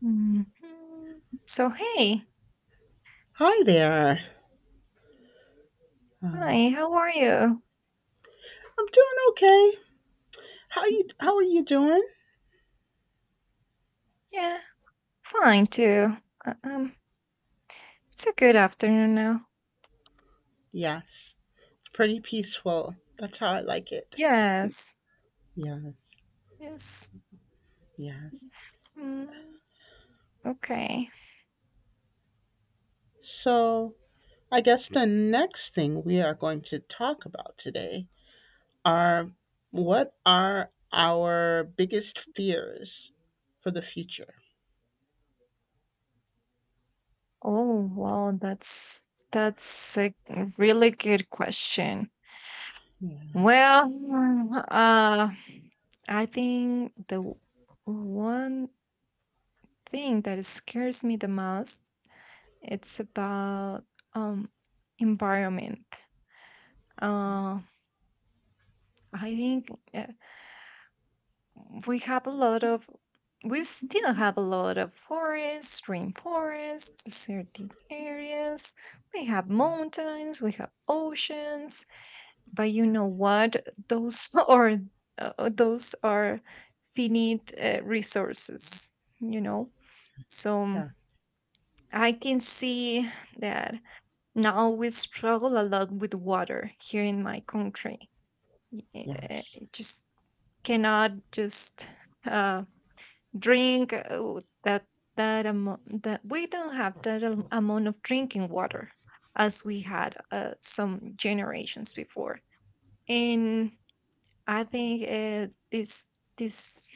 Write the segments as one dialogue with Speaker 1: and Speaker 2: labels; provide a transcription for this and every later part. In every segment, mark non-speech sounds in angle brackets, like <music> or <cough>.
Speaker 1: Mhm. So, hey,
Speaker 2: Hi there. Um,
Speaker 1: hi, how are you?
Speaker 2: I'm doing okay. How you? How are you doing?
Speaker 1: Yeah, fine too. Uh, um, it's a good afternoon now.
Speaker 2: Yes, pretty peaceful. That's how I like it.
Speaker 1: Yes,
Speaker 2: Yes,
Speaker 1: yes.
Speaker 2: yes.
Speaker 1: Mm, okay.
Speaker 2: So I guess the next thing we are going to talk about today are what are our biggest fears for the future?
Speaker 1: Oh, well, that's a really good question.
Speaker 2: Yeah,
Speaker 1: Well, uh, I think one thing that scares me the most, it's about um environment. Uh, I think uh, we have we still have a lot of forests, rainforests, desertic areas. We have mountains, we have oceans, but you
Speaker 2: yeah,
Speaker 1: know what? Those <laughs> are those are finite resources. You know, so
Speaker 2: yeah,
Speaker 1: I can see that now we struggle a lot with water here in my country.
Speaker 2: yes.
Speaker 1: It just cannot just uh, drink that that amount, that we don't have that amount of drinking water as we had some generations before. And I think this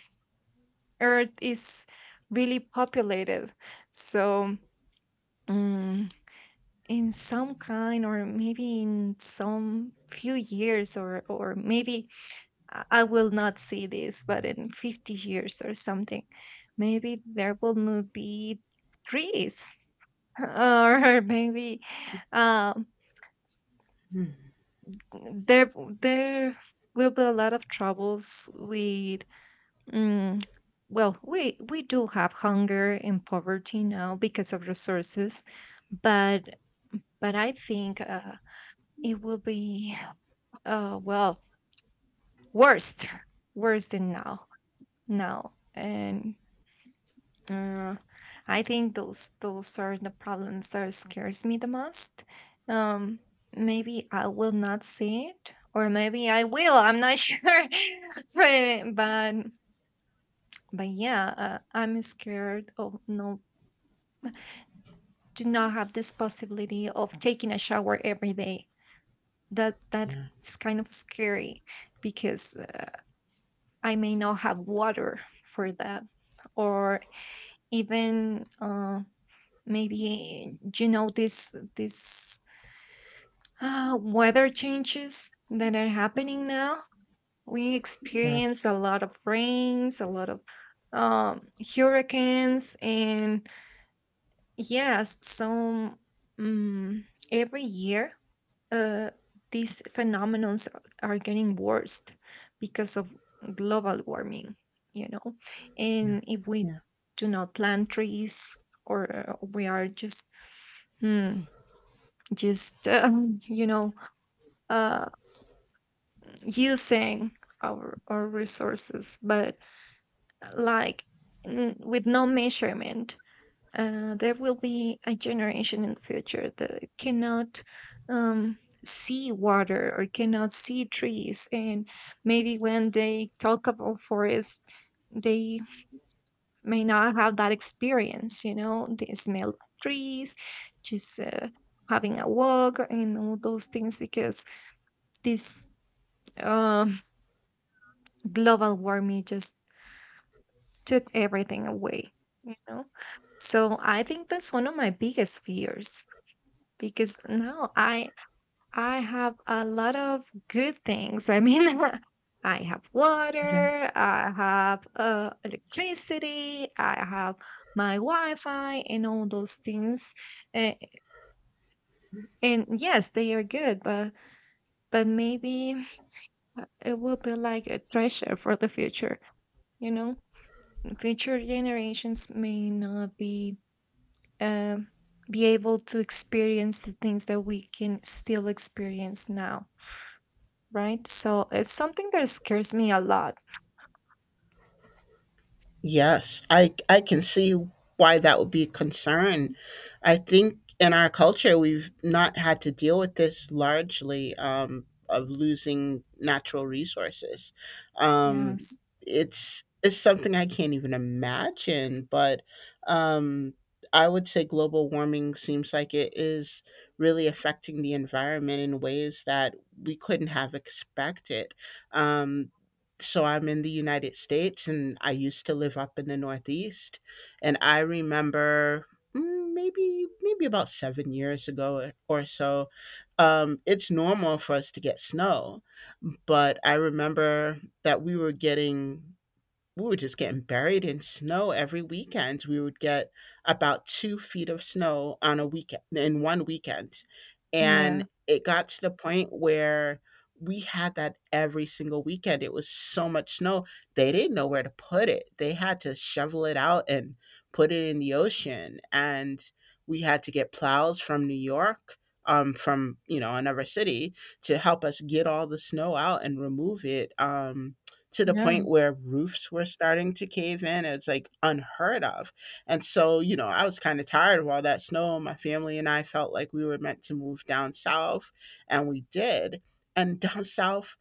Speaker 1: earth is really populated, so um, in some kind, or maybe in some few years, or maybe I will not see this, but in 50 years or something, maybe there will not be trees, <laughs> or maybe um,
Speaker 2: Hmm.
Speaker 1: there there will be a lot of troubles with. Mm, well, we do have hunger and poverty now because of resources, but I think it will be <sighs> well, worse <laughs> worse than now. And Uh, I think those are the problems that scares me the most. Um, Maybe I will not see it, or maybe I will. I'm not <laughs> sure. but but but yeah, I'm scared of no, do not have this possibility of taking a shower every day. That's
Speaker 2: Yeah,
Speaker 1: kind of scary, because I may not have water for that, or even. Maybe you know this this weather changes that are happening now. We experience
Speaker 2: yes,
Speaker 1: a lot of rains, a lot of um, hurricanes, and yes. So um, every year uh, these phenomenons are getting worse because of global warming. You know,
Speaker 2: yeah,
Speaker 1: and if we
Speaker 2: yeah,
Speaker 1: do not plant trees, or we are just hmm, just uh, using our resources, but like with no measurement, there will be a generation in the future that cannot um, see water or cannot see trees. And maybe when they talk about forests, they may not have that experience, you know, the smell of trees, just having a walk, and all those things, because this uh, global warming just took everything away, you know. So I think that's one of my biggest fears, because now I have a lot of good things. I mean, <laughs> I have
Speaker 2: yeah.
Speaker 1: water, I have electricity, I have my wi-fi and all those things. and, and yes, they are good, but maybe it will be like a treasure for the future, you know. Future generations may not be uh, be able to experience the things that we can still experience now, right? So it's something that scares me a lot.
Speaker 2: Yes, I can see why that would be a concern. I think in our culture we've not had to deal with this largely, of losing natural resources. Um,
Speaker 1: Yes.
Speaker 2: it's something I can't even imagine, but um, I would say global warming seems like it is really affecting the environment in ways that we couldn't have expected. Um, so I'm in the United States and I used to live up in the Northeast. And I remember, maybe about 7 years ago or so, it's normal for us to get snow. But I remember that we were just getting buried in snow every weekend. We would get about 2 feet of snow on a weekend in one weekend. And
Speaker 1: Yeah,
Speaker 2: it got to the point where we had that every single weekend. It was so much snow. They didn't know where to put it. They had to shovel it out and put it in the ocean. And we had to get plows from New York, from, another city to help us get all the snow out and remove it. To the point
Speaker 1: yeah,
Speaker 2: where roofs were starting to cave in. It's like unheard of. And so, I was kind of tired of all that snow. My family and I felt like we were meant to move down south, and we did. And down south,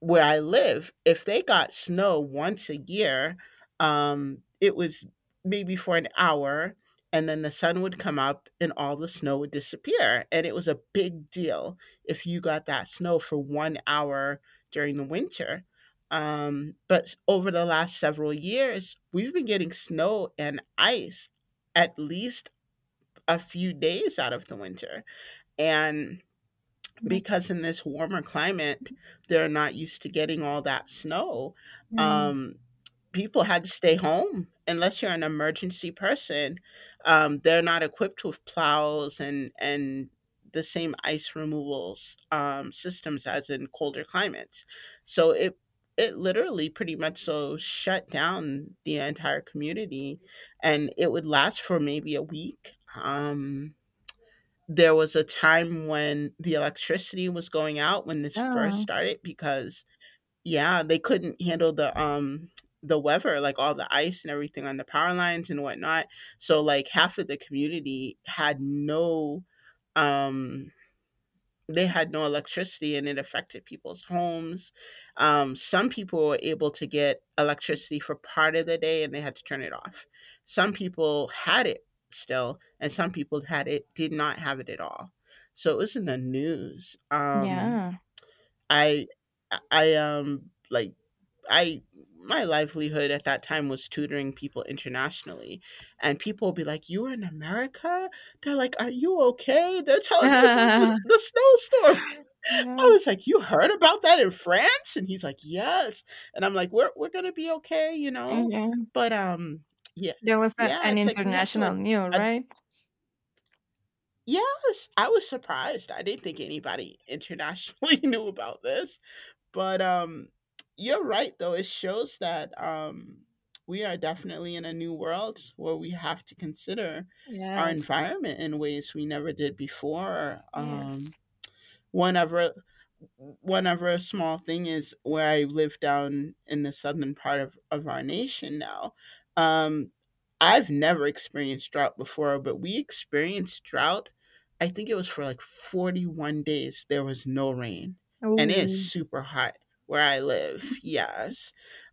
Speaker 2: where I live, if they got snow once a year, it was maybe for an hour, and then the sun would come up and all the snow would disappear. And it was a big deal if you got that snow for 1 hour during the winter. But over the last several years, we've been getting snow and ice at least a few days out of the winter. And
Speaker 1: yeah,
Speaker 2: because in this warmer climate, they're not used to getting all that snow.
Speaker 1: yeah,
Speaker 2: Um, People had to stay home unless you're an emergency person. They're not equipped with plows, and the same ice removals, systems as in colder climates. So it literally pretty much so shut down the entire community, and it would last for maybe a week. There was a time when the electricity was going out when this first
Speaker 1: yeah,
Speaker 2: started because, yeah, they couldn't handle the weather, like all the ice and everything on the power lines and whatnot. So like half of the community had no, um they had no electricity and it affected people's homes. Some people were able to get electricity for part of the day and they had to turn it off. Some people had it still, and some people had it did not have it at all. So it was in the news.
Speaker 1: yeah.
Speaker 2: I I, like I my livelihood at that time was tutoring people internationally, and people would be like, "You were in America?" They're like, "Are you okay?" They're telling me about this
Speaker 1: <laughs>
Speaker 2: the snowstorm. <laughs>
Speaker 1: Yeah,
Speaker 2: I was like, "You heard about that in France?" And he's like, "Yes." And I'm like, "We're gonna be okay, you know."
Speaker 1: yeah.
Speaker 2: But yeah,
Speaker 1: There was a,
Speaker 2: yeah,
Speaker 1: an
Speaker 2: it's like we have to.
Speaker 1: international new,
Speaker 2: Ad-
Speaker 1: right?
Speaker 2: yes, I was surprised. I didn't think anybody internationally <laughs> knew about this, but you're right though. It shows that we are definitely in a new world where we have to consider our
Speaker 1: Yes,
Speaker 2: environment in ways we never did before. um
Speaker 1: yes.
Speaker 2: one other one other small thing is where I live down in the southern part of our nation now. Um, I've never experienced drought before, but we experienced drought. I think it was for like 41 days, there was no rain, and it's
Speaker 1: Oh,
Speaker 2: super hot where I live. Yes.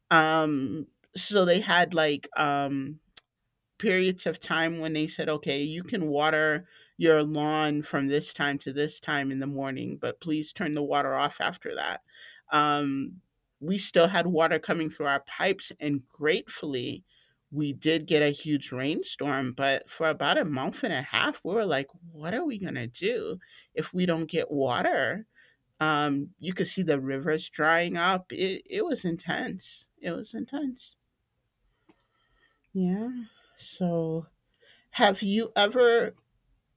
Speaker 2: Um, so they had like, periods of time when they said, okay, you can water your lawn from this time to this time in the morning, but please turn the water off after that. Um, we still had water coming through our pipes, and gratefully, we did get a huge rainstorm. But for about a month and a half, we were like, what are we going to do if we don't get water? You could see the rivers drying up. It was intense. It was intense. Yeah. So have you ever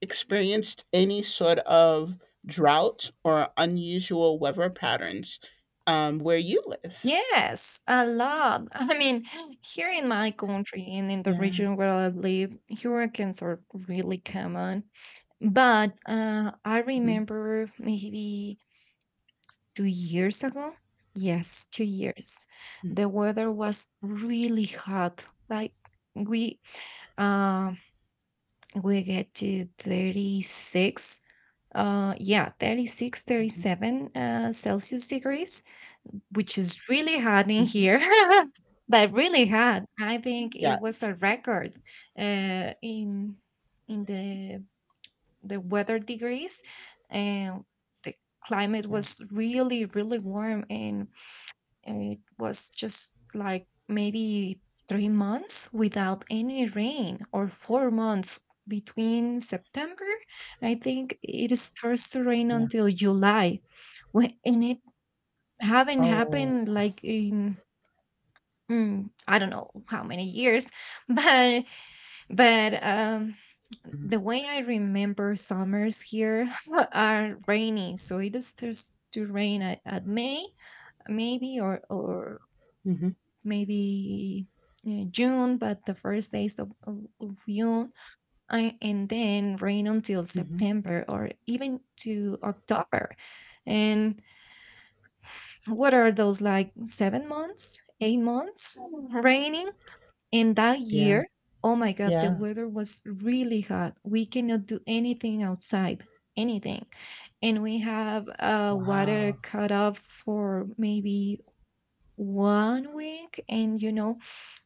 Speaker 2: experienced any sort of drought or unusual weather patterns, where you live?
Speaker 1: yes, a lot. <laughs> I mean, here in my country and in the
Speaker 2: Yeah.
Speaker 1: region where I live, hurricanes are really common. But I
Speaker 2: Mhm.
Speaker 1: remember maybe 2 years ago, yes, 2 years,
Speaker 2: Mm,
Speaker 1: the weather was really hot. Like we uh, we get to 36, yeah 36, thirty
Speaker 2: mhm,
Speaker 1: seven celsius degrees, which is really hot in here.
Speaker 2: mhm.
Speaker 1: <laughs> But really hot. I think it
Speaker 2: Yeah.
Speaker 1: was a record in in the the weather degrees. And the climate
Speaker 2: Yeah.
Speaker 1: was really, really warm. And it was just like maybe 3 months without any rain, or 4 months, between september. I think it starts to rain
Speaker 2: Yeah.
Speaker 1: until july, when, and it haven't
Speaker 2: Oh.
Speaker 1: happened like in, mm, I don't know how many years. <laughs> But but um
Speaker 2: Mm,
Speaker 1: the way I remember summers here <laughs> are rainy. So it starts to rain at May, maybe, or
Speaker 2: mhm,
Speaker 1: maybe June, but the first days of, of June, I, and then rain until
Speaker 2: mhm.
Speaker 1: September, or even to October. And what are those, like 7 months, 8 months raining? And that
Speaker 2: Yeah.
Speaker 1: year, oh my God, the
Speaker 2: Yeah.
Speaker 1: weather was really hot. We cannot do anything outside, anything. And we have water
Speaker 2: Wow.
Speaker 1: cut off for maybe 1 week. And you know,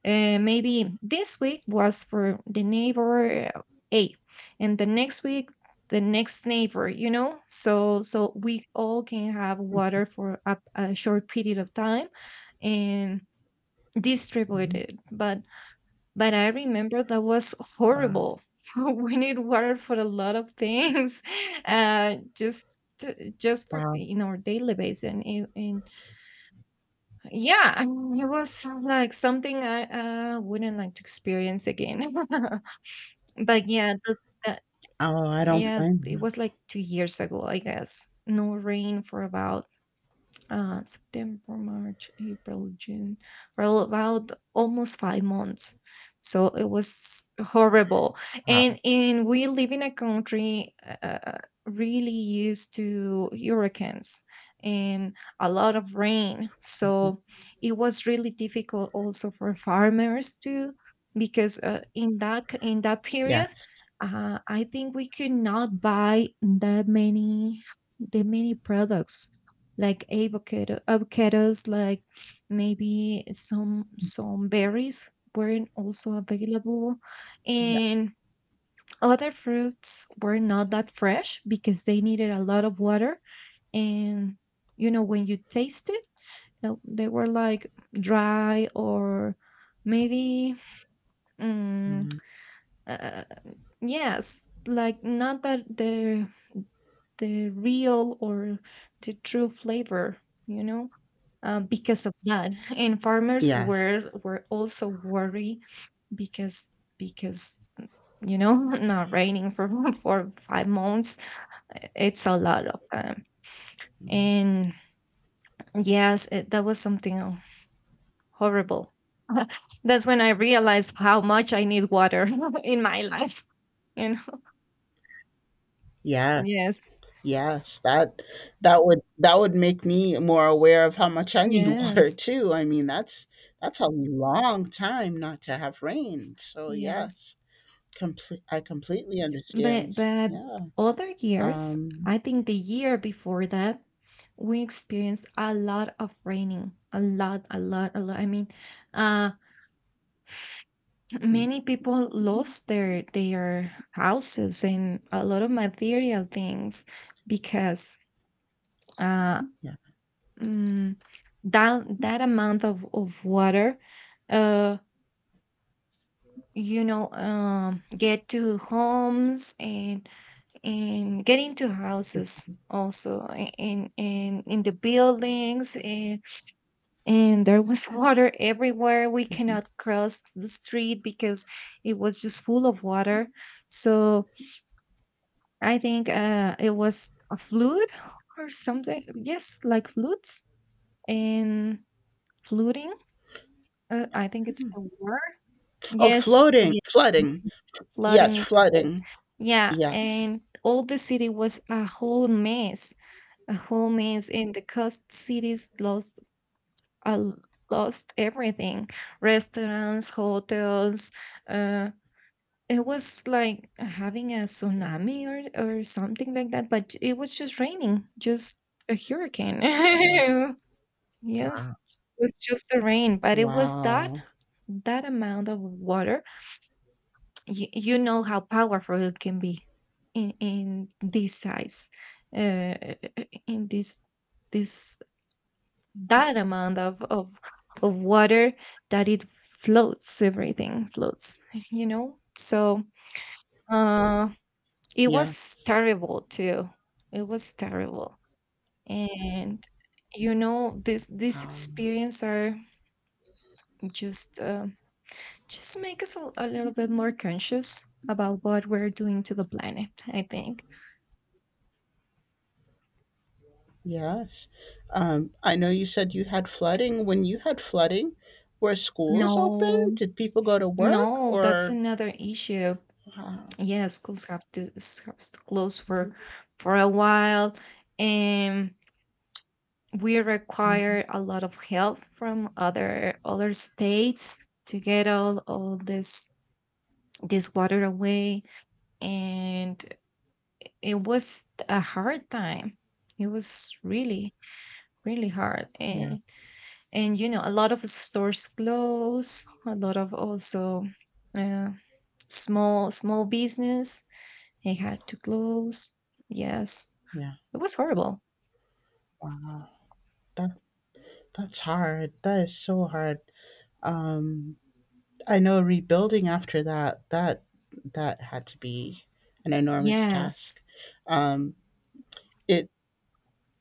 Speaker 1: maybe this week was for the neighbor A, and the next week the next neighbor. You know, so so we all can have water for a short period of time, and distribute
Speaker 2: Mhm.
Speaker 1: it. But I remember that was
Speaker 2: Wow.
Speaker 1: horrible. <laughs> We need water for a lot of things, <laughs> just to- just for
Speaker 2: Wow.
Speaker 1: in our daily basis. And, it- and yeah, I mean, it was like something I wouldn't like to experience again. <laughs> But yeah, the,
Speaker 2: Oh, I don't
Speaker 1: yeah,
Speaker 2: blame
Speaker 1: it was
Speaker 2: you.
Speaker 1: like 2 years ago, I guess. No rain for about September, March, April, June, for about almost 5 months. So it was horrible. and
Speaker 2: Wow.
Speaker 1: and we live in a country really used to hurricanes and a lot of rain.
Speaker 2: Mhm.
Speaker 1: So it was really difficult also for farmers too, because in that in that period,
Speaker 2: Yes.
Speaker 1: I think we could not buy that many, products like avocados, like maybe some berries weren't also available,
Speaker 2: Yeah.
Speaker 1: and other fruits were not that fresh, because they needed a lot of water. And you know, when you taste it, they were like dry, or maybe, mm,
Speaker 2: Mhm.
Speaker 1: uh, yes, like not that the real, or the true flavor, you know. Because of that, and farmers
Speaker 2: Yes.
Speaker 1: were also worried, because because you know, <laughs> not raining for <laughs> for 5 months, it's a lot of time.
Speaker 2: Mhm.
Speaker 1: And yes, it, that was something horrible. <laughs> That's when I realized how much I need water <laughs> in my life. <laughs> You know.
Speaker 2: Yeah.
Speaker 1: Yes.
Speaker 2: Yes, that would make me more aware of how much I need <laughs> water
Speaker 1: Yes.
Speaker 2: too. I mean, that's a long time not to have rain. So
Speaker 1: Yes.
Speaker 2: yes, complete I completely
Speaker 1: But
Speaker 2: understand. Yeah.
Speaker 1: other years,
Speaker 2: Um
Speaker 1: I think the year before that, we experienced a lot of raining, a lot, a lot, a lot. I mean, uh, <sighs>
Speaker 2: mhm,
Speaker 1: many people lost their houses and a lot of material things because uh,
Speaker 2: yeah.
Speaker 1: mm, that that amount of water, uh, you know, get to homes, and getting to houses also, in the buildings. And there was <laughs> water everywhere. We
Speaker 2: Mhm.
Speaker 1: cannot cross the street because it was just full of water. So I think it was a flood or something. Yes, like floods and flooding. I think it's the word.
Speaker 2: Oh,
Speaker 1: Yes,
Speaker 2: floating,
Speaker 1: yeah.
Speaker 2: flooding. Yes,
Speaker 1: Flooding is the word.
Speaker 2: flooding.
Speaker 1: Yeah,
Speaker 2: Yes.
Speaker 1: and all the city was a whole mess. Homies in the coast cities lost uh, lost everything, restaurants, hotels. uh, it was like having a tsunami, or something like that, but it was just raining, just a hurricane. <laughs>
Speaker 2: Mhm.
Speaker 1: Yes, it was just the rain, but it was that,
Speaker 2: Wow.
Speaker 1: that amount of water. You know how powerful it can be in this size, uh, in this this that amount of, of water, that it floats, everything floats, you know. So uh it
Speaker 2: Yeah.
Speaker 1: was terrible too, it was terrible. And you know, this
Speaker 2: Wow.
Speaker 1: experience are just uh, just make us a little bit more conscious about what we're doing to the planet, I think.
Speaker 2: Yes. I know you said you had flooding. When you had flooding, were schools open?
Speaker 1: No,
Speaker 2: Did people go to work
Speaker 1: no, that's
Speaker 2: or?
Speaker 1: another issue.
Speaker 2: Wow.
Speaker 1: Yeah, schools have to have to close
Speaker 2: Mhm.
Speaker 1: for a while. And we
Speaker 2: Mhm.
Speaker 1: require a lot of help from other, other states to get all this, this water away. And it was a hard time. It was really, really hard.
Speaker 2: Yeah.
Speaker 1: And you know, a lot of stores close, a lot of also uh, small, small business, they had to close. Yes.
Speaker 2: Yeah.
Speaker 1: It was horrible.
Speaker 2: Wow. That that's hard. That is so hard. Um, I know rebuilding after that, that had to be an enormous task.
Speaker 1: Yes.
Speaker 2: Um, it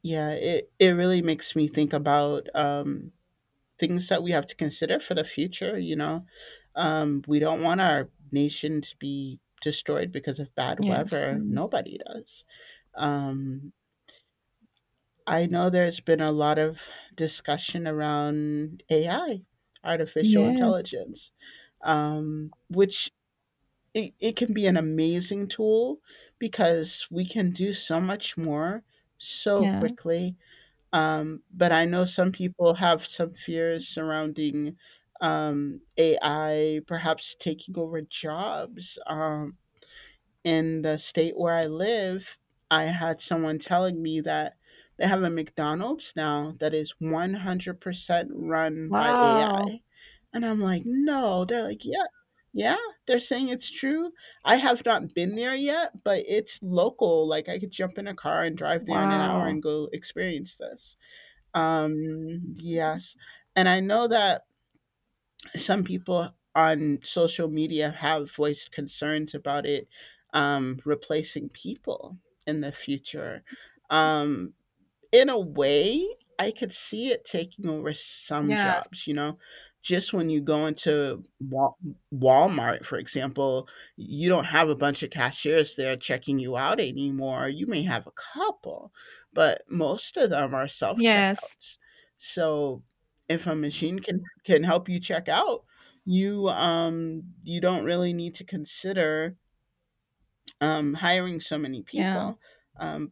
Speaker 2: Yeah, it really makes me think about, things that we have to consider for the future. We don't want our nation to be destroyed because of bad
Speaker 1: Yes.
Speaker 2: weather.
Speaker 1: Mm.
Speaker 2: Nobody does. Um, I know there's been a lot of discussion around AI, artificial
Speaker 1: Yes.
Speaker 2: intelligence, which it can be an amazing tool because we can do so much more so
Speaker 1: Yes.
Speaker 2: quickly, but I know some people have some fears surrounding, AI perhaps taking over jobs. In the state where I live, I had someone telling me that they have a McDonald's now that is 100% run by
Speaker 1: Wow.
Speaker 2: AI. And I'm like, no. They're like, yeah, yeah, they're saying it's true. I have not been there yet, but it's local. Like, I could jump in a car and drive there in an hour
Speaker 1: Wow.
Speaker 2: and go experience this. Yes. And I know that some people on social media have voiced concerns about it, replacing people in the future. Um, in a way, I could see it taking over some
Speaker 1: Yes.
Speaker 2: jobs, you know? Just when you go into Walmart, for example, you don't have a bunch of cashiers there checking you out anymore. You may have a couple, but most of them are self
Speaker 1: Yes.
Speaker 2: checkouts. So if a machine can help you check out, you don't really need to consider, hiring so many
Speaker 1: Yeah.
Speaker 2: people. Um,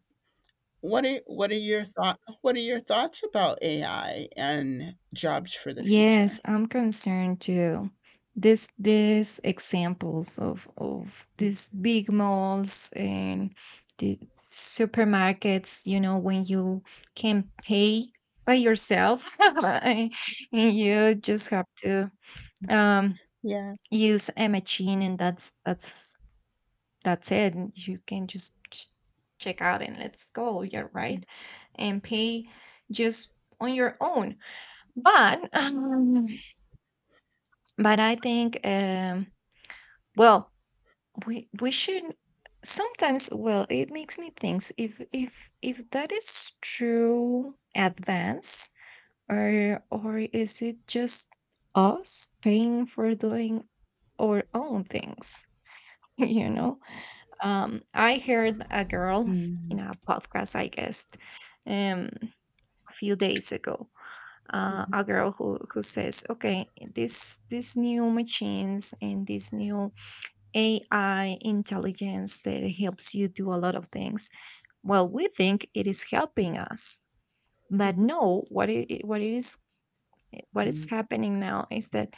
Speaker 2: what are your thought what are your thoughts about AI and jobs for the future?
Speaker 1: Yes, I'm concerned too. This These examples of these big malls, and the supermarkets, you know, when you can pay by yourself <laughs> and you just have to um
Speaker 2: Yeah.
Speaker 1: use a machine, and that's it. You can just check out and let's go. Yeah, right. And pay just on your own. But I think well, we should, sometimes, well, it makes me think if that is true advance, or is it just us paying for doing our own things, <laughs> you know. I heard a girl in
Speaker 2: Mhm,
Speaker 1: a podcast, I guess, um, a few days ago.
Speaker 2: mhm,
Speaker 1: A girl who says, "Okay, this these new machines and this new AI intelligence that helps you do a lot of things. Well, we think it is helping us, but
Speaker 2: mhm,
Speaker 1: no, what it is." What is
Speaker 2: mhm,
Speaker 1: happening now is that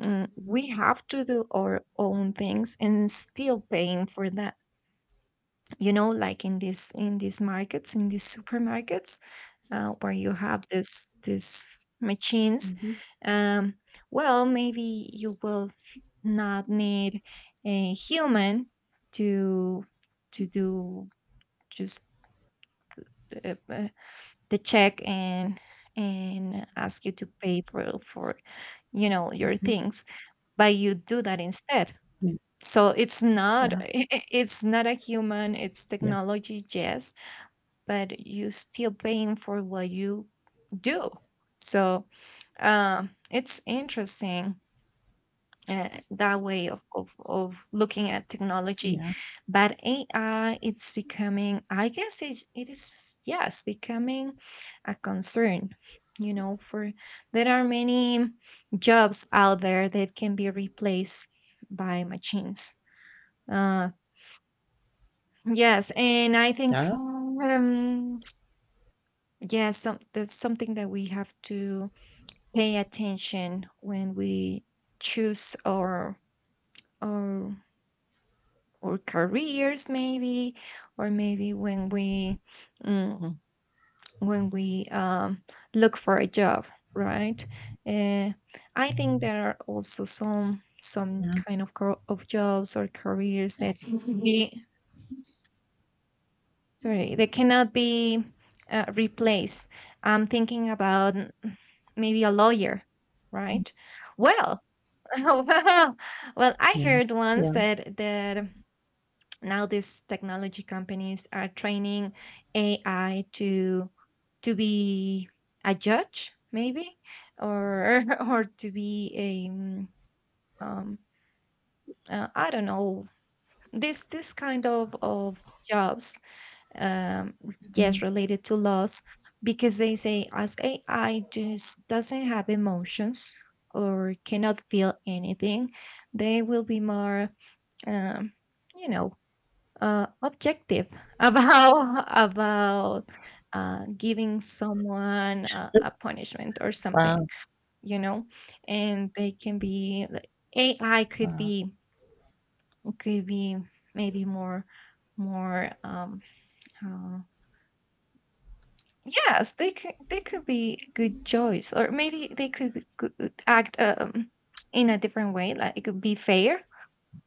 Speaker 1: we have to do our own things and still paying for that like in these markets in these supermarkets where you have this these machines
Speaker 2: mhm,
Speaker 1: um, well maybe you will not need a human to do just the the check and ask you to pay for your
Speaker 2: mhm,
Speaker 1: things but you do that instead.
Speaker 2: mhm.
Speaker 1: So it's not <laughs>
Speaker 2: Yeah.
Speaker 1: it's not a human, it's
Speaker 2: Yeah.
Speaker 1: technology, yes, but you still paying for what you do. So it's interesting that way of looking at technology.
Speaker 2: Yeah.
Speaker 1: But AI, it's becoming, I guess it is, yes, becoming a concern. You know, for there are many jobs out there that can be replaced by machines. Uh, yes, and I think
Speaker 2: Yeah.
Speaker 1: some, yeah, some, that's something that we have to pay attention when we choose our our careers maybe, or maybe when we mm, when we look for a job, right? uh, I think there are also some
Speaker 2: Yeah.
Speaker 1: kind of, of jobs or careers that <laughs> we sorry, they cannot be replaced. I'm thinking about maybe a lawyer, right? Well, <laughs> well, well, I
Speaker 2: Yeah.
Speaker 1: heard once
Speaker 2: Yeah.
Speaker 1: that now these technology companies are training AI to be a judge, maybe, or <laughs> or to be a um, I don't know, this kind of jobs um, yes,
Speaker 2: Mhm.
Speaker 1: related to loss, because they say as AI just doesn't have emotions or cannot feel anything. They will be more, um, you know, objective <laughs> about giving someone a punishment or something,
Speaker 2: Wow.
Speaker 1: you know. And they can be like, AI could
Speaker 2: Wow.
Speaker 1: be, could be maybe more, more, yes, they could be a good choice, or maybe they could, be, could act in a different way. Like it could be fair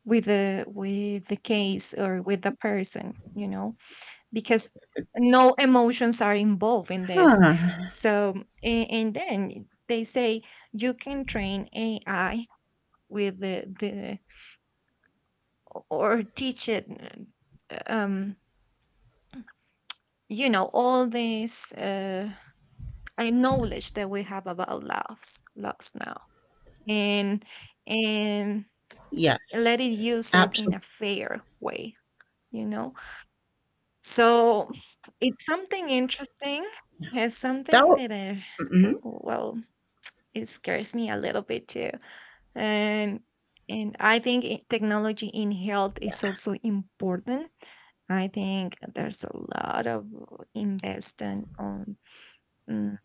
Speaker 1: with the case or with the person, you know, because no emotions are involved in this.
Speaker 2: Huh.
Speaker 1: So and then they say you can train AI with the or teach it, um, you know, all this knowledge that we have about loves, loves now, and and
Speaker 2: Yes,
Speaker 1: let it use it in a
Speaker 2: absolutely.
Speaker 1: fair way, you know. So it's something interesting, it's
Speaker 2: That
Speaker 1: something
Speaker 2: wa-
Speaker 1: that I, oh
Speaker 2: mhm.
Speaker 1: well, it scares me a little bit too. and and I think technology in health is also important. I think there's a lot of investment on, mm,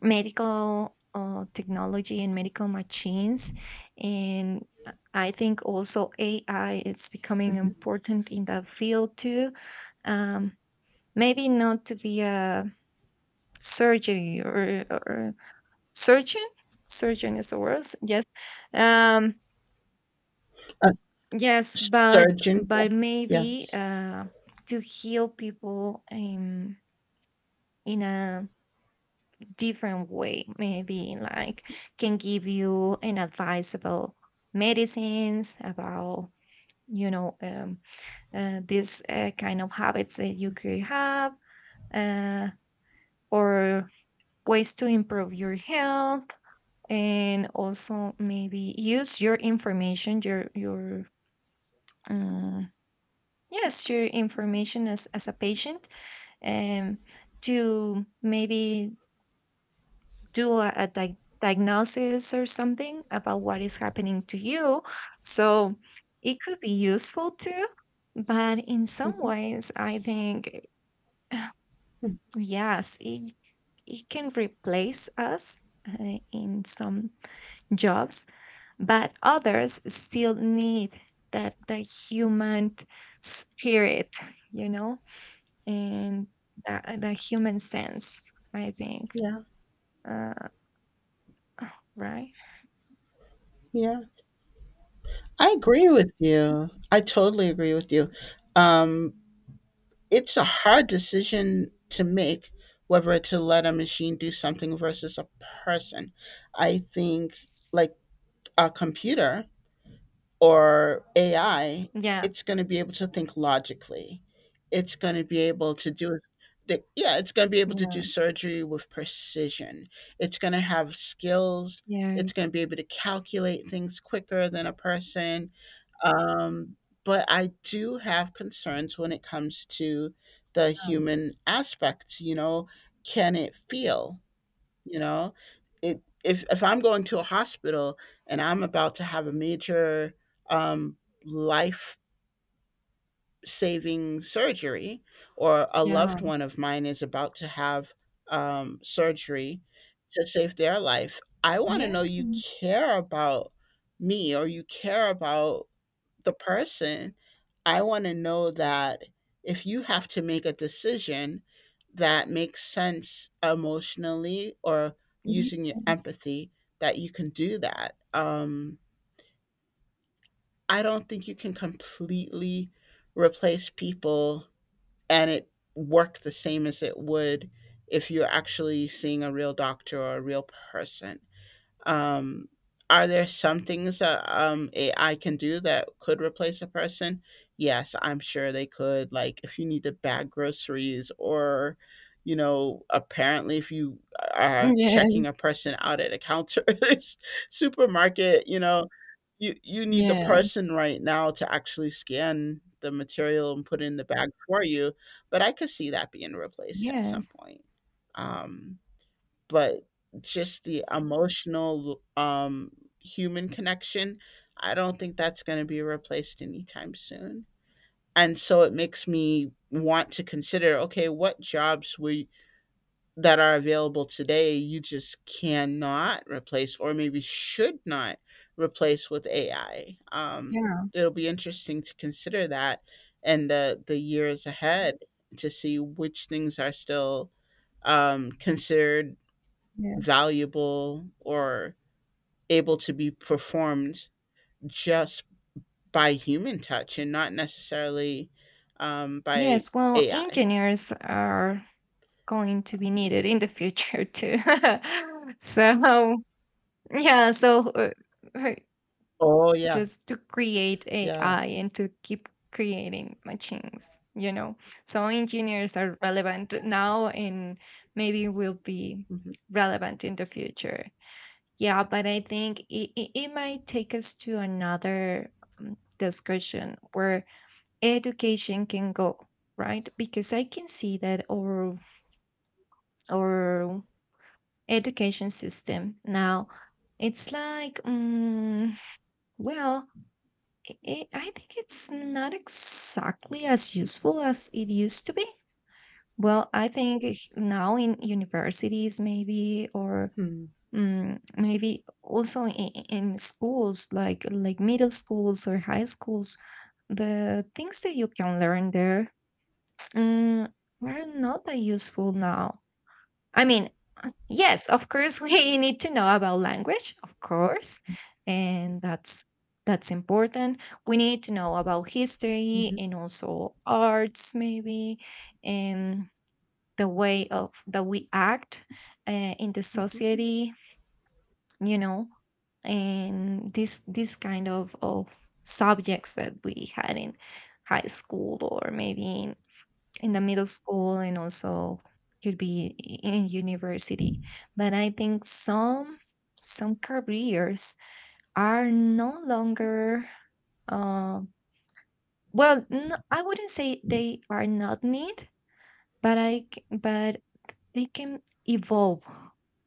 Speaker 1: medical technology and medical machines. And I think also AI is becoming important in that field too. um, maybe not to be a surgery or surgeon, surgeon is the word, yes. um,
Speaker 2: Uh,
Speaker 1: yes,
Speaker 2: Surgeon.
Speaker 1: but
Speaker 2: Yeah.
Speaker 1: maybe
Speaker 2: Yes.
Speaker 1: to heal people, in a different way, maybe, like can give you an advice about medicines, about you know, these kind of habits that you could have, uh, or ways to improve your health. And also maybe use your information, your um, yes, your information as a patient, um, to maybe do a diagnosis or something about what is happening to you. So it could be useful too. But in some
Speaker 2: Hmm.
Speaker 1: ways, I think, <sighs> yes, it can replace us in some jobs, but others still need that the human spirit, you know, and the human sense, I think.
Speaker 2: Yeah.
Speaker 1: Uh, right?
Speaker 2: Yeah. I agree with you. I totally agree with you. Um, it's a hard decision to make whether to let a machine do something versus a person. I think like a computer or AI,
Speaker 1: Yeah,
Speaker 2: it's going to be able to think logically. It's going to be able to yeah, it's going to be able to
Speaker 1: yeah,
Speaker 2: do surgery with precision. It's going to have skills.
Speaker 1: yeah.
Speaker 2: It's going to be able to calculate things quicker than a person. Um, but I do have concerns when it comes to the
Speaker 1: Um,
Speaker 2: human aspect. You know, can it feel? You know, it if I'm going to a hospital and I'm about to have a major, um, life saving surgery, or a
Speaker 1: yeah.
Speaker 2: loved one of mine is about to have, surgery to save their life, I want to
Speaker 1: Yeah.
Speaker 2: know you care about me or you care about the person, I want to know that if you have to make a decision that makes sense emotionally or using your
Speaker 1: Yes.
Speaker 2: empathy, that you can do that. I don't think you can completely replace people and it work the same as it would if you're actually seeing a real doctor or a real person. Um, are there some things that, AI can do that could replace a person? Yes, I'm sure they could. Like if you need to bag groceries, or apparently if you, are checking
Speaker 1: Yes.
Speaker 2: a person out at a counter <laughs> at a supermarket, you need the
Speaker 1: Yes.
Speaker 2: person right now to actually scan the material and put it in the bag for you. But I could see that being replaced at some
Speaker 1: Yes.
Speaker 2: point. Um, but just the emotional human connection, I don't think that's going to be replaced anytime soon. And so it makes me want to consider, okay, what jobs we that are available today you just cannot replace, or maybe should not replace with AI.
Speaker 1: Yeah.
Speaker 2: It'll be interesting to consider that and the years ahead, to see which things are still considered
Speaker 1: Yes.
Speaker 2: valuable or able to be performed just by human touch and not necessarily by
Speaker 1: Yes. Well,
Speaker 2: AI.
Speaker 1: engineers are going to be needed in the future too. <laughs> So, yeah. So, uh,
Speaker 2: Oh yes,
Speaker 1: just to create
Speaker 2: yeah.
Speaker 1: AI and to keep creating machines, you know. So, engineers are relevant now and maybe will be
Speaker 2: Mhm,
Speaker 1: relevant in the future. Yeah, but I think it might take us to another discussion where education can go, right? Because I can see that our education system now, it's like well, I think it's not exactly as useful as it used to be. Well, I think now in universities maybe, or
Speaker 2: mhm,
Speaker 1: Maybe also in schools, like middle schools or high schools, the things that you can learn there, mm, are not that useful now. I mean, yes, of course <laughs> we need to know about language, of course, and that's important. We need to know about history
Speaker 2: mhm,
Speaker 1: and also arts maybe, and the way of that we act uh, in the
Speaker 2: mhm,
Speaker 1: society, you know. And this kind of subjects that we had in high school, or maybe in the middle school, and also could be, in university. But I think some careers are no longer uh, well, no, I wouldn't say they are not need, but I but they can evolve,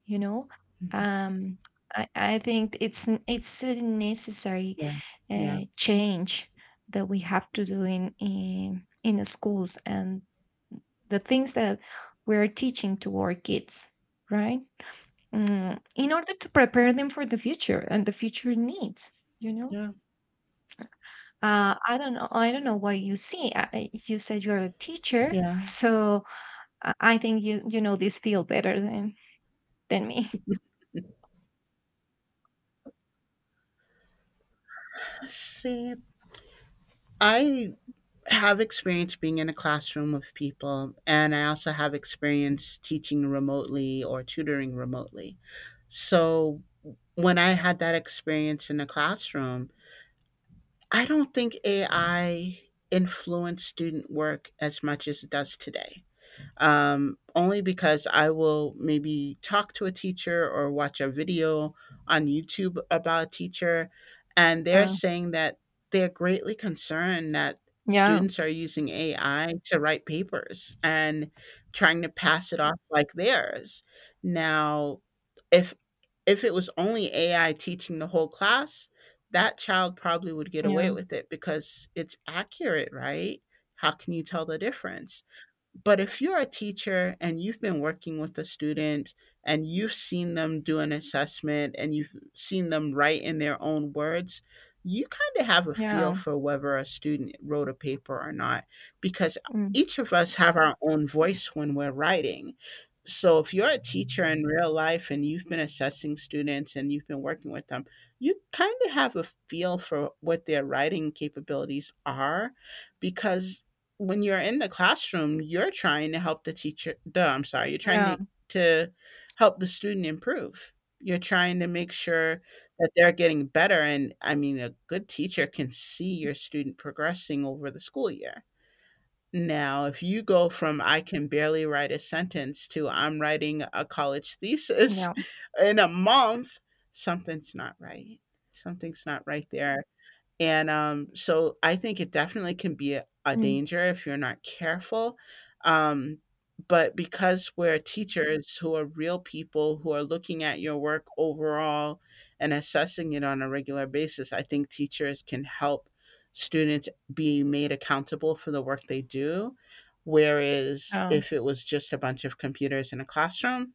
Speaker 1: you know?
Speaker 2: mhm.
Speaker 1: Um, I think it's it's a necessary
Speaker 2: Yeah, yeah,
Speaker 1: change that we have to do in the schools, and the things that we're teaching to our kids, right? Mm, in order to prepare them for the future and the future needs, you know?
Speaker 2: yeah,
Speaker 1: I don't know. I don't know what you see. You said you're a teacher,
Speaker 2: yeah.
Speaker 1: <laughs> so I think you you know this field better than me.
Speaker 2: See, I have experience being in a classroom with people, and I also have experience teaching remotely or tutoring remotely. So when I had that experience in the classroom, I don't think AI influenced student work as much as it does today, only because I will maybe talk to a teacher or watch a video on YouTube about a teacher, and they're saying that they're greatly concerned that
Speaker 1: Yeah,
Speaker 2: students are using AI to write papers and trying to pass it off like theirs. Now, if if it was only AI teaching the whole class, that child probably would get away
Speaker 1: yeah,
Speaker 2: with it because it's accurate, right? How can you tell the difference? But if you're a teacher and you've been working with a student and you've seen them do an assessment and you've seen them write in their own words, you kind of have a feel
Speaker 1: yeah,
Speaker 2: for whether a student wrote a paper or not, because
Speaker 1: mm,
Speaker 2: each of us have our own voice when we're writing. So if you're a teacher in real life and you've been assessing students and you've been working with them, you kind of have a feel for what their writing capabilities are, because when you're in the classroom, you're trying to help the teacher. The I'm sorry, you're trying
Speaker 1: yeah,
Speaker 2: to help the student improve. You're trying to make sure that they're getting better. And I mean, a good teacher can see your student progressing over the school year. Now, if you go from I can barely write a sentence to I'm writing a college thesis
Speaker 1: yeah,
Speaker 2: <laughs> in a month, something's not right. Something's not right there. And, so I think it definitely can be a
Speaker 1: mm,
Speaker 2: danger if you're not careful, um, but because we're teachers who are real people who are looking at your work overall and assessing it on a regular basis, I think teachers can help students be made accountable for the work they do, whereas
Speaker 1: yeah,
Speaker 2: if it was just a bunch of computers in a classroom,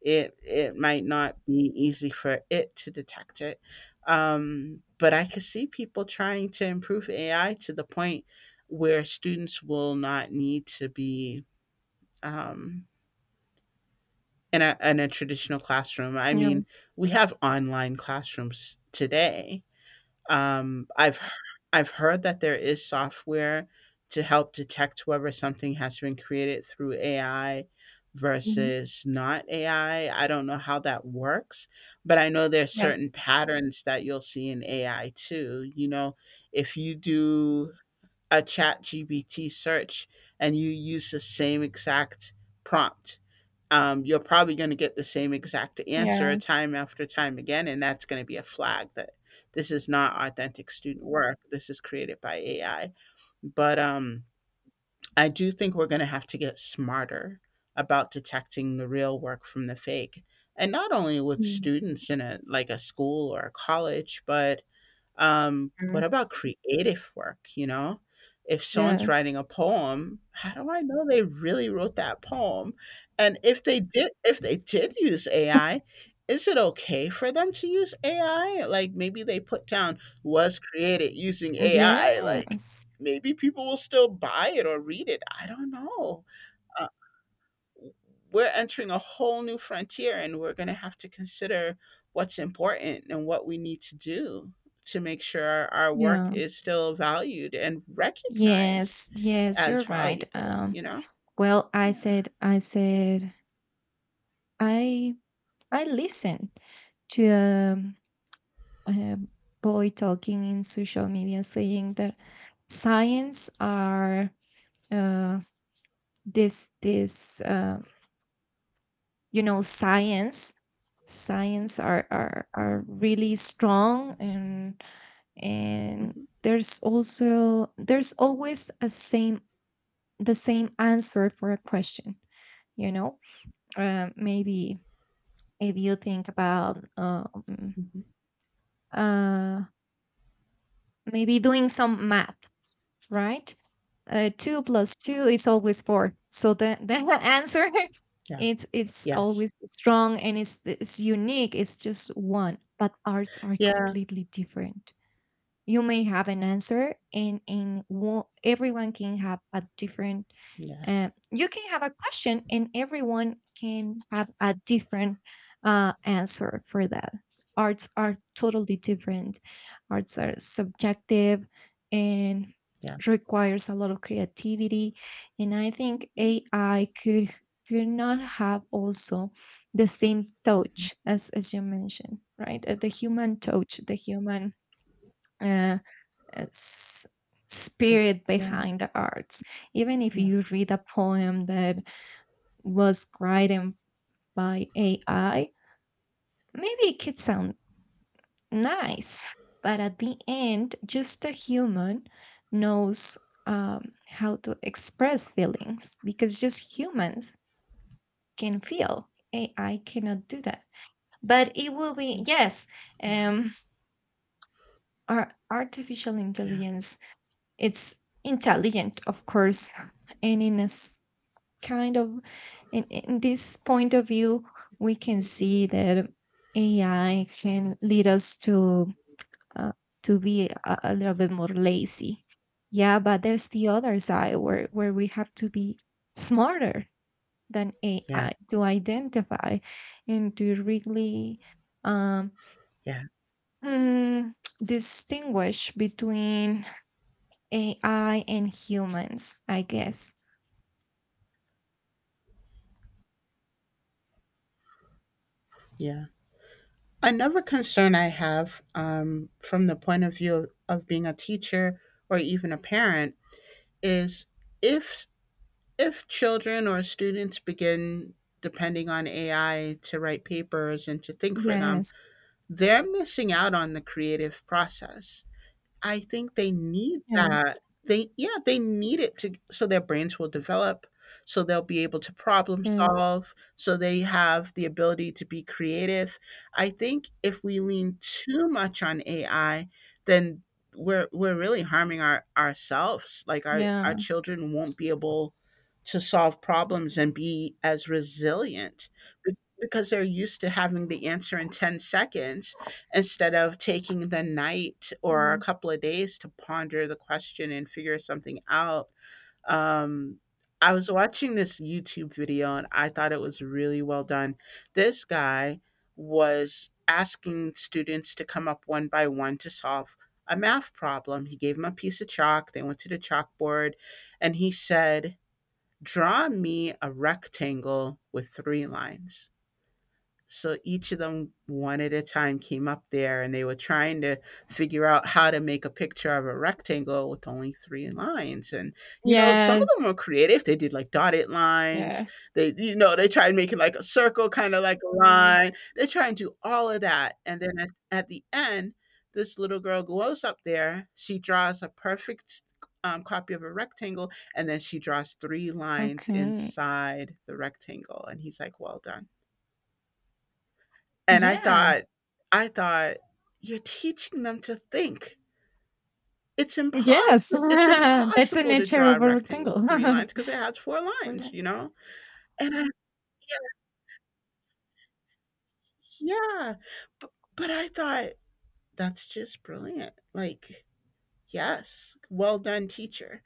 Speaker 2: it might not be easy for it to detect it. But I could see people trying to improve AI to the point where students will not need to be um, in, in a traditional classroom. I
Speaker 1: yeah,
Speaker 2: mean, we have online classrooms today. um, I've i I've heard that there is software to help detect whether something has been created through AI
Speaker 1: mhm,
Speaker 2: versus not AI. I don't know how that works, but I know there's
Speaker 1: yes,
Speaker 2: certain patterns that you'll see in AI too. You know, if you do a chat gbt search and you use the same exact prompt, you're probably going to get the same exact answer
Speaker 1: yeah,
Speaker 2: time after time again, and that's going to be a flag that this is not authentic student work, this is created by AI. But I do think we're going to have to get smarter about detecting the real work from the fake, and not only with
Speaker 1: yeah,
Speaker 2: students in a like a school or a college, but
Speaker 1: yeah,
Speaker 2: what about creative work, you know? If someone's
Speaker 1: yes,
Speaker 2: writing a poem, how do I know they really wrote that poem? And if they did, use AI, is it okay for them to use AI? Like maybe they put down was created using AI, like
Speaker 1: yes,
Speaker 2: maybe people will still buy it or read it. I don't know, we're entering a whole new frontier, and we're going to have to consider what's important and what we need to do to make sure our work
Speaker 1: yeah,
Speaker 2: is still valued and recognized
Speaker 1: yes, yes,
Speaker 2: as
Speaker 1: you're right.
Speaker 2: valuable, you know?
Speaker 1: Well,
Speaker 2: Yeah.
Speaker 1: I said, I, I listened to a boy talking in social media saying that science are uh, this, this, uh, you know, science are really strong. And
Speaker 2: Hmm.
Speaker 1: there's also there's always a same, the same answer for a question, you know. Maybe if you think about
Speaker 2: Hmm.
Speaker 1: uh, maybe doing some math, right? Two plus two is always four, so the, <laughs> the answer
Speaker 2: Yeah.
Speaker 1: it's
Speaker 2: Yes.
Speaker 1: always strong, and it's unique, it's just one. But ours are
Speaker 2: Yeah.
Speaker 1: completely different. You may have an answer, and everyone can have a different
Speaker 2: Yes.
Speaker 1: you can have a question, and everyone can have a different answer for that. Arts are totally different, arts are subjective, and
Speaker 2: Yeah.
Speaker 1: requires a lot of creativity. And I think AI could not have also the same
Speaker 2: Hmm.
Speaker 1: touch as you mentioned, right? The human touch, the human uh, uh, s-
Speaker 2: Yeah.
Speaker 1: spirit
Speaker 2: Yeah.
Speaker 1: behind the arts. Even if
Speaker 2: Yeah.
Speaker 1: you read a poem that was written by AI, maybe it could sound nice, but at the end, just a human knows how to express feelings, because just humans can feel. AI cannot do that. But it will be,
Speaker 2: Mm.
Speaker 1: yes,
Speaker 2: Yeah,
Speaker 1: um, our artificial
Speaker 2: yeah,
Speaker 1: intelligence, it's intelligent, of course, and in a kind of in this point of view we can see that AI can lead us uh, to be a little bit more lazy. Yeah, but there's the other side where we have to be smarter than
Speaker 2: yeah,
Speaker 1: AI to identify and to really um
Speaker 2: yeah,
Speaker 1: hmm, distinguish between AI and humans, I guess.
Speaker 2: yeah, another concern I have, from the point of view of being a teacher or even a parent, is if if children or students begin depending on AI to write papers and to think for them,
Speaker 1: Yes.
Speaker 2: they're missing out on the creative process. I think they need
Speaker 1: Yeah.
Speaker 2: that. They yeah, they need it to, so their brains will develop, so they'll be able to problem
Speaker 1: Yes.
Speaker 2: solve, so they have the ability to be creative. I think if we lean too much on AI, then we're really harming ourselves. Like
Speaker 1: Yeah.
Speaker 2: our children won't be able to solve problems and be as resilient, because they're used to having the answer in 10 seconds instead of taking the night or a
Speaker 1: Mm.
Speaker 2: couple of days to ponder the question and figure something out. Um, I was watching this YouTube video and I thought it was really well done. This guy was asking students to come up one by one to solve a math problem. He gave them a piece of chalk, they went to the chalkboard, and he said, "Draw me a rectangle with three lines." So each of them, one at a time, came up there and they were trying to figure out how to make a picture of a rectangle with only three lines. And, you know, some of
Speaker 1: Yes,
Speaker 2: them were creative. They did like dotted lines.
Speaker 1: yeah.
Speaker 2: They, you know, they tried making like a circle, kind of like a Mm. line. They try and do all of that. And then at the end, this little girl goes up there. She draws a perfect copy of a rectangle, and then she draws three lines
Speaker 1: Okay.
Speaker 2: inside the rectangle. And he's like, "Well done," and I
Speaker 1: Yeah.
Speaker 2: thought I thought, "You're teaching them to think. It's
Speaker 1: Yes. <laughs>
Speaker 2: impossible. It's
Speaker 1: That's a
Speaker 2: impossible to
Speaker 1: nature
Speaker 2: draw a
Speaker 1: of a
Speaker 2: rectangle with
Speaker 1: rectangle
Speaker 2: 3 lines because it has 4
Speaker 1: <laughs> For
Speaker 2: lines," you
Speaker 1: length.
Speaker 2: know? And I yeah, yeah, bu but I thought, "That's just brilliant." Like, yes, well done, teacher.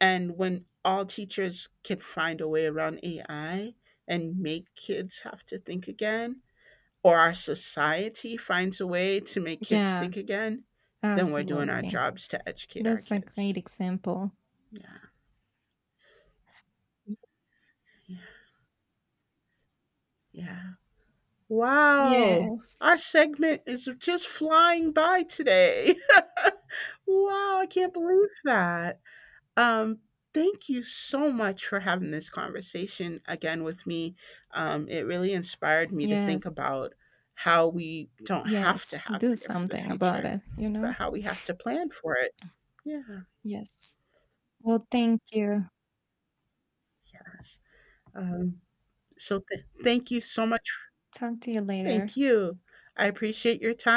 Speaker 2: And when all teachers can find a way around AI and make kids have to think again, or our society finds a way to make kids
Speaker 1: Yeah,
Speaker 2: think again, then we're doing our
Speaker 1: absolutely.
Speaker 2: jobs to educate our
Speaker 1: That's a
Speaker 2: kids.
Speaker 1: great example.
Speaker 2: Yeah,
Speaker 1: Y-
Speaker 2: yeah, yeah. Wow,
Speaker 1: Yes.
Speaker 2: our segment is just flying by today. <laughs> Wow, I can't believe that. Um, Thank you so much for having this conversation again with me. It really inspired me to think
Speaker 1: Yes.
Speaker 2: about how we don't have to
Speaker 1: Yes.
Speaker 2: have
Speaker 1: Do
Speaker 2: fear for the
Speaker 1: something about
Speaker 2: future,
Speaker 1: it, you
Speaker 2: but
Speaker 1: know?
Speaker 2: how we have to plan for it. Yeah.
Speaker 1: Yes. Well, thank you.
Speaker 2: Yes. Um, so thank you so much.
Speaker 1: Talk to you
Speaker 2: Thank
Speaker 1: later.
Speaker 2: you. I appreciate your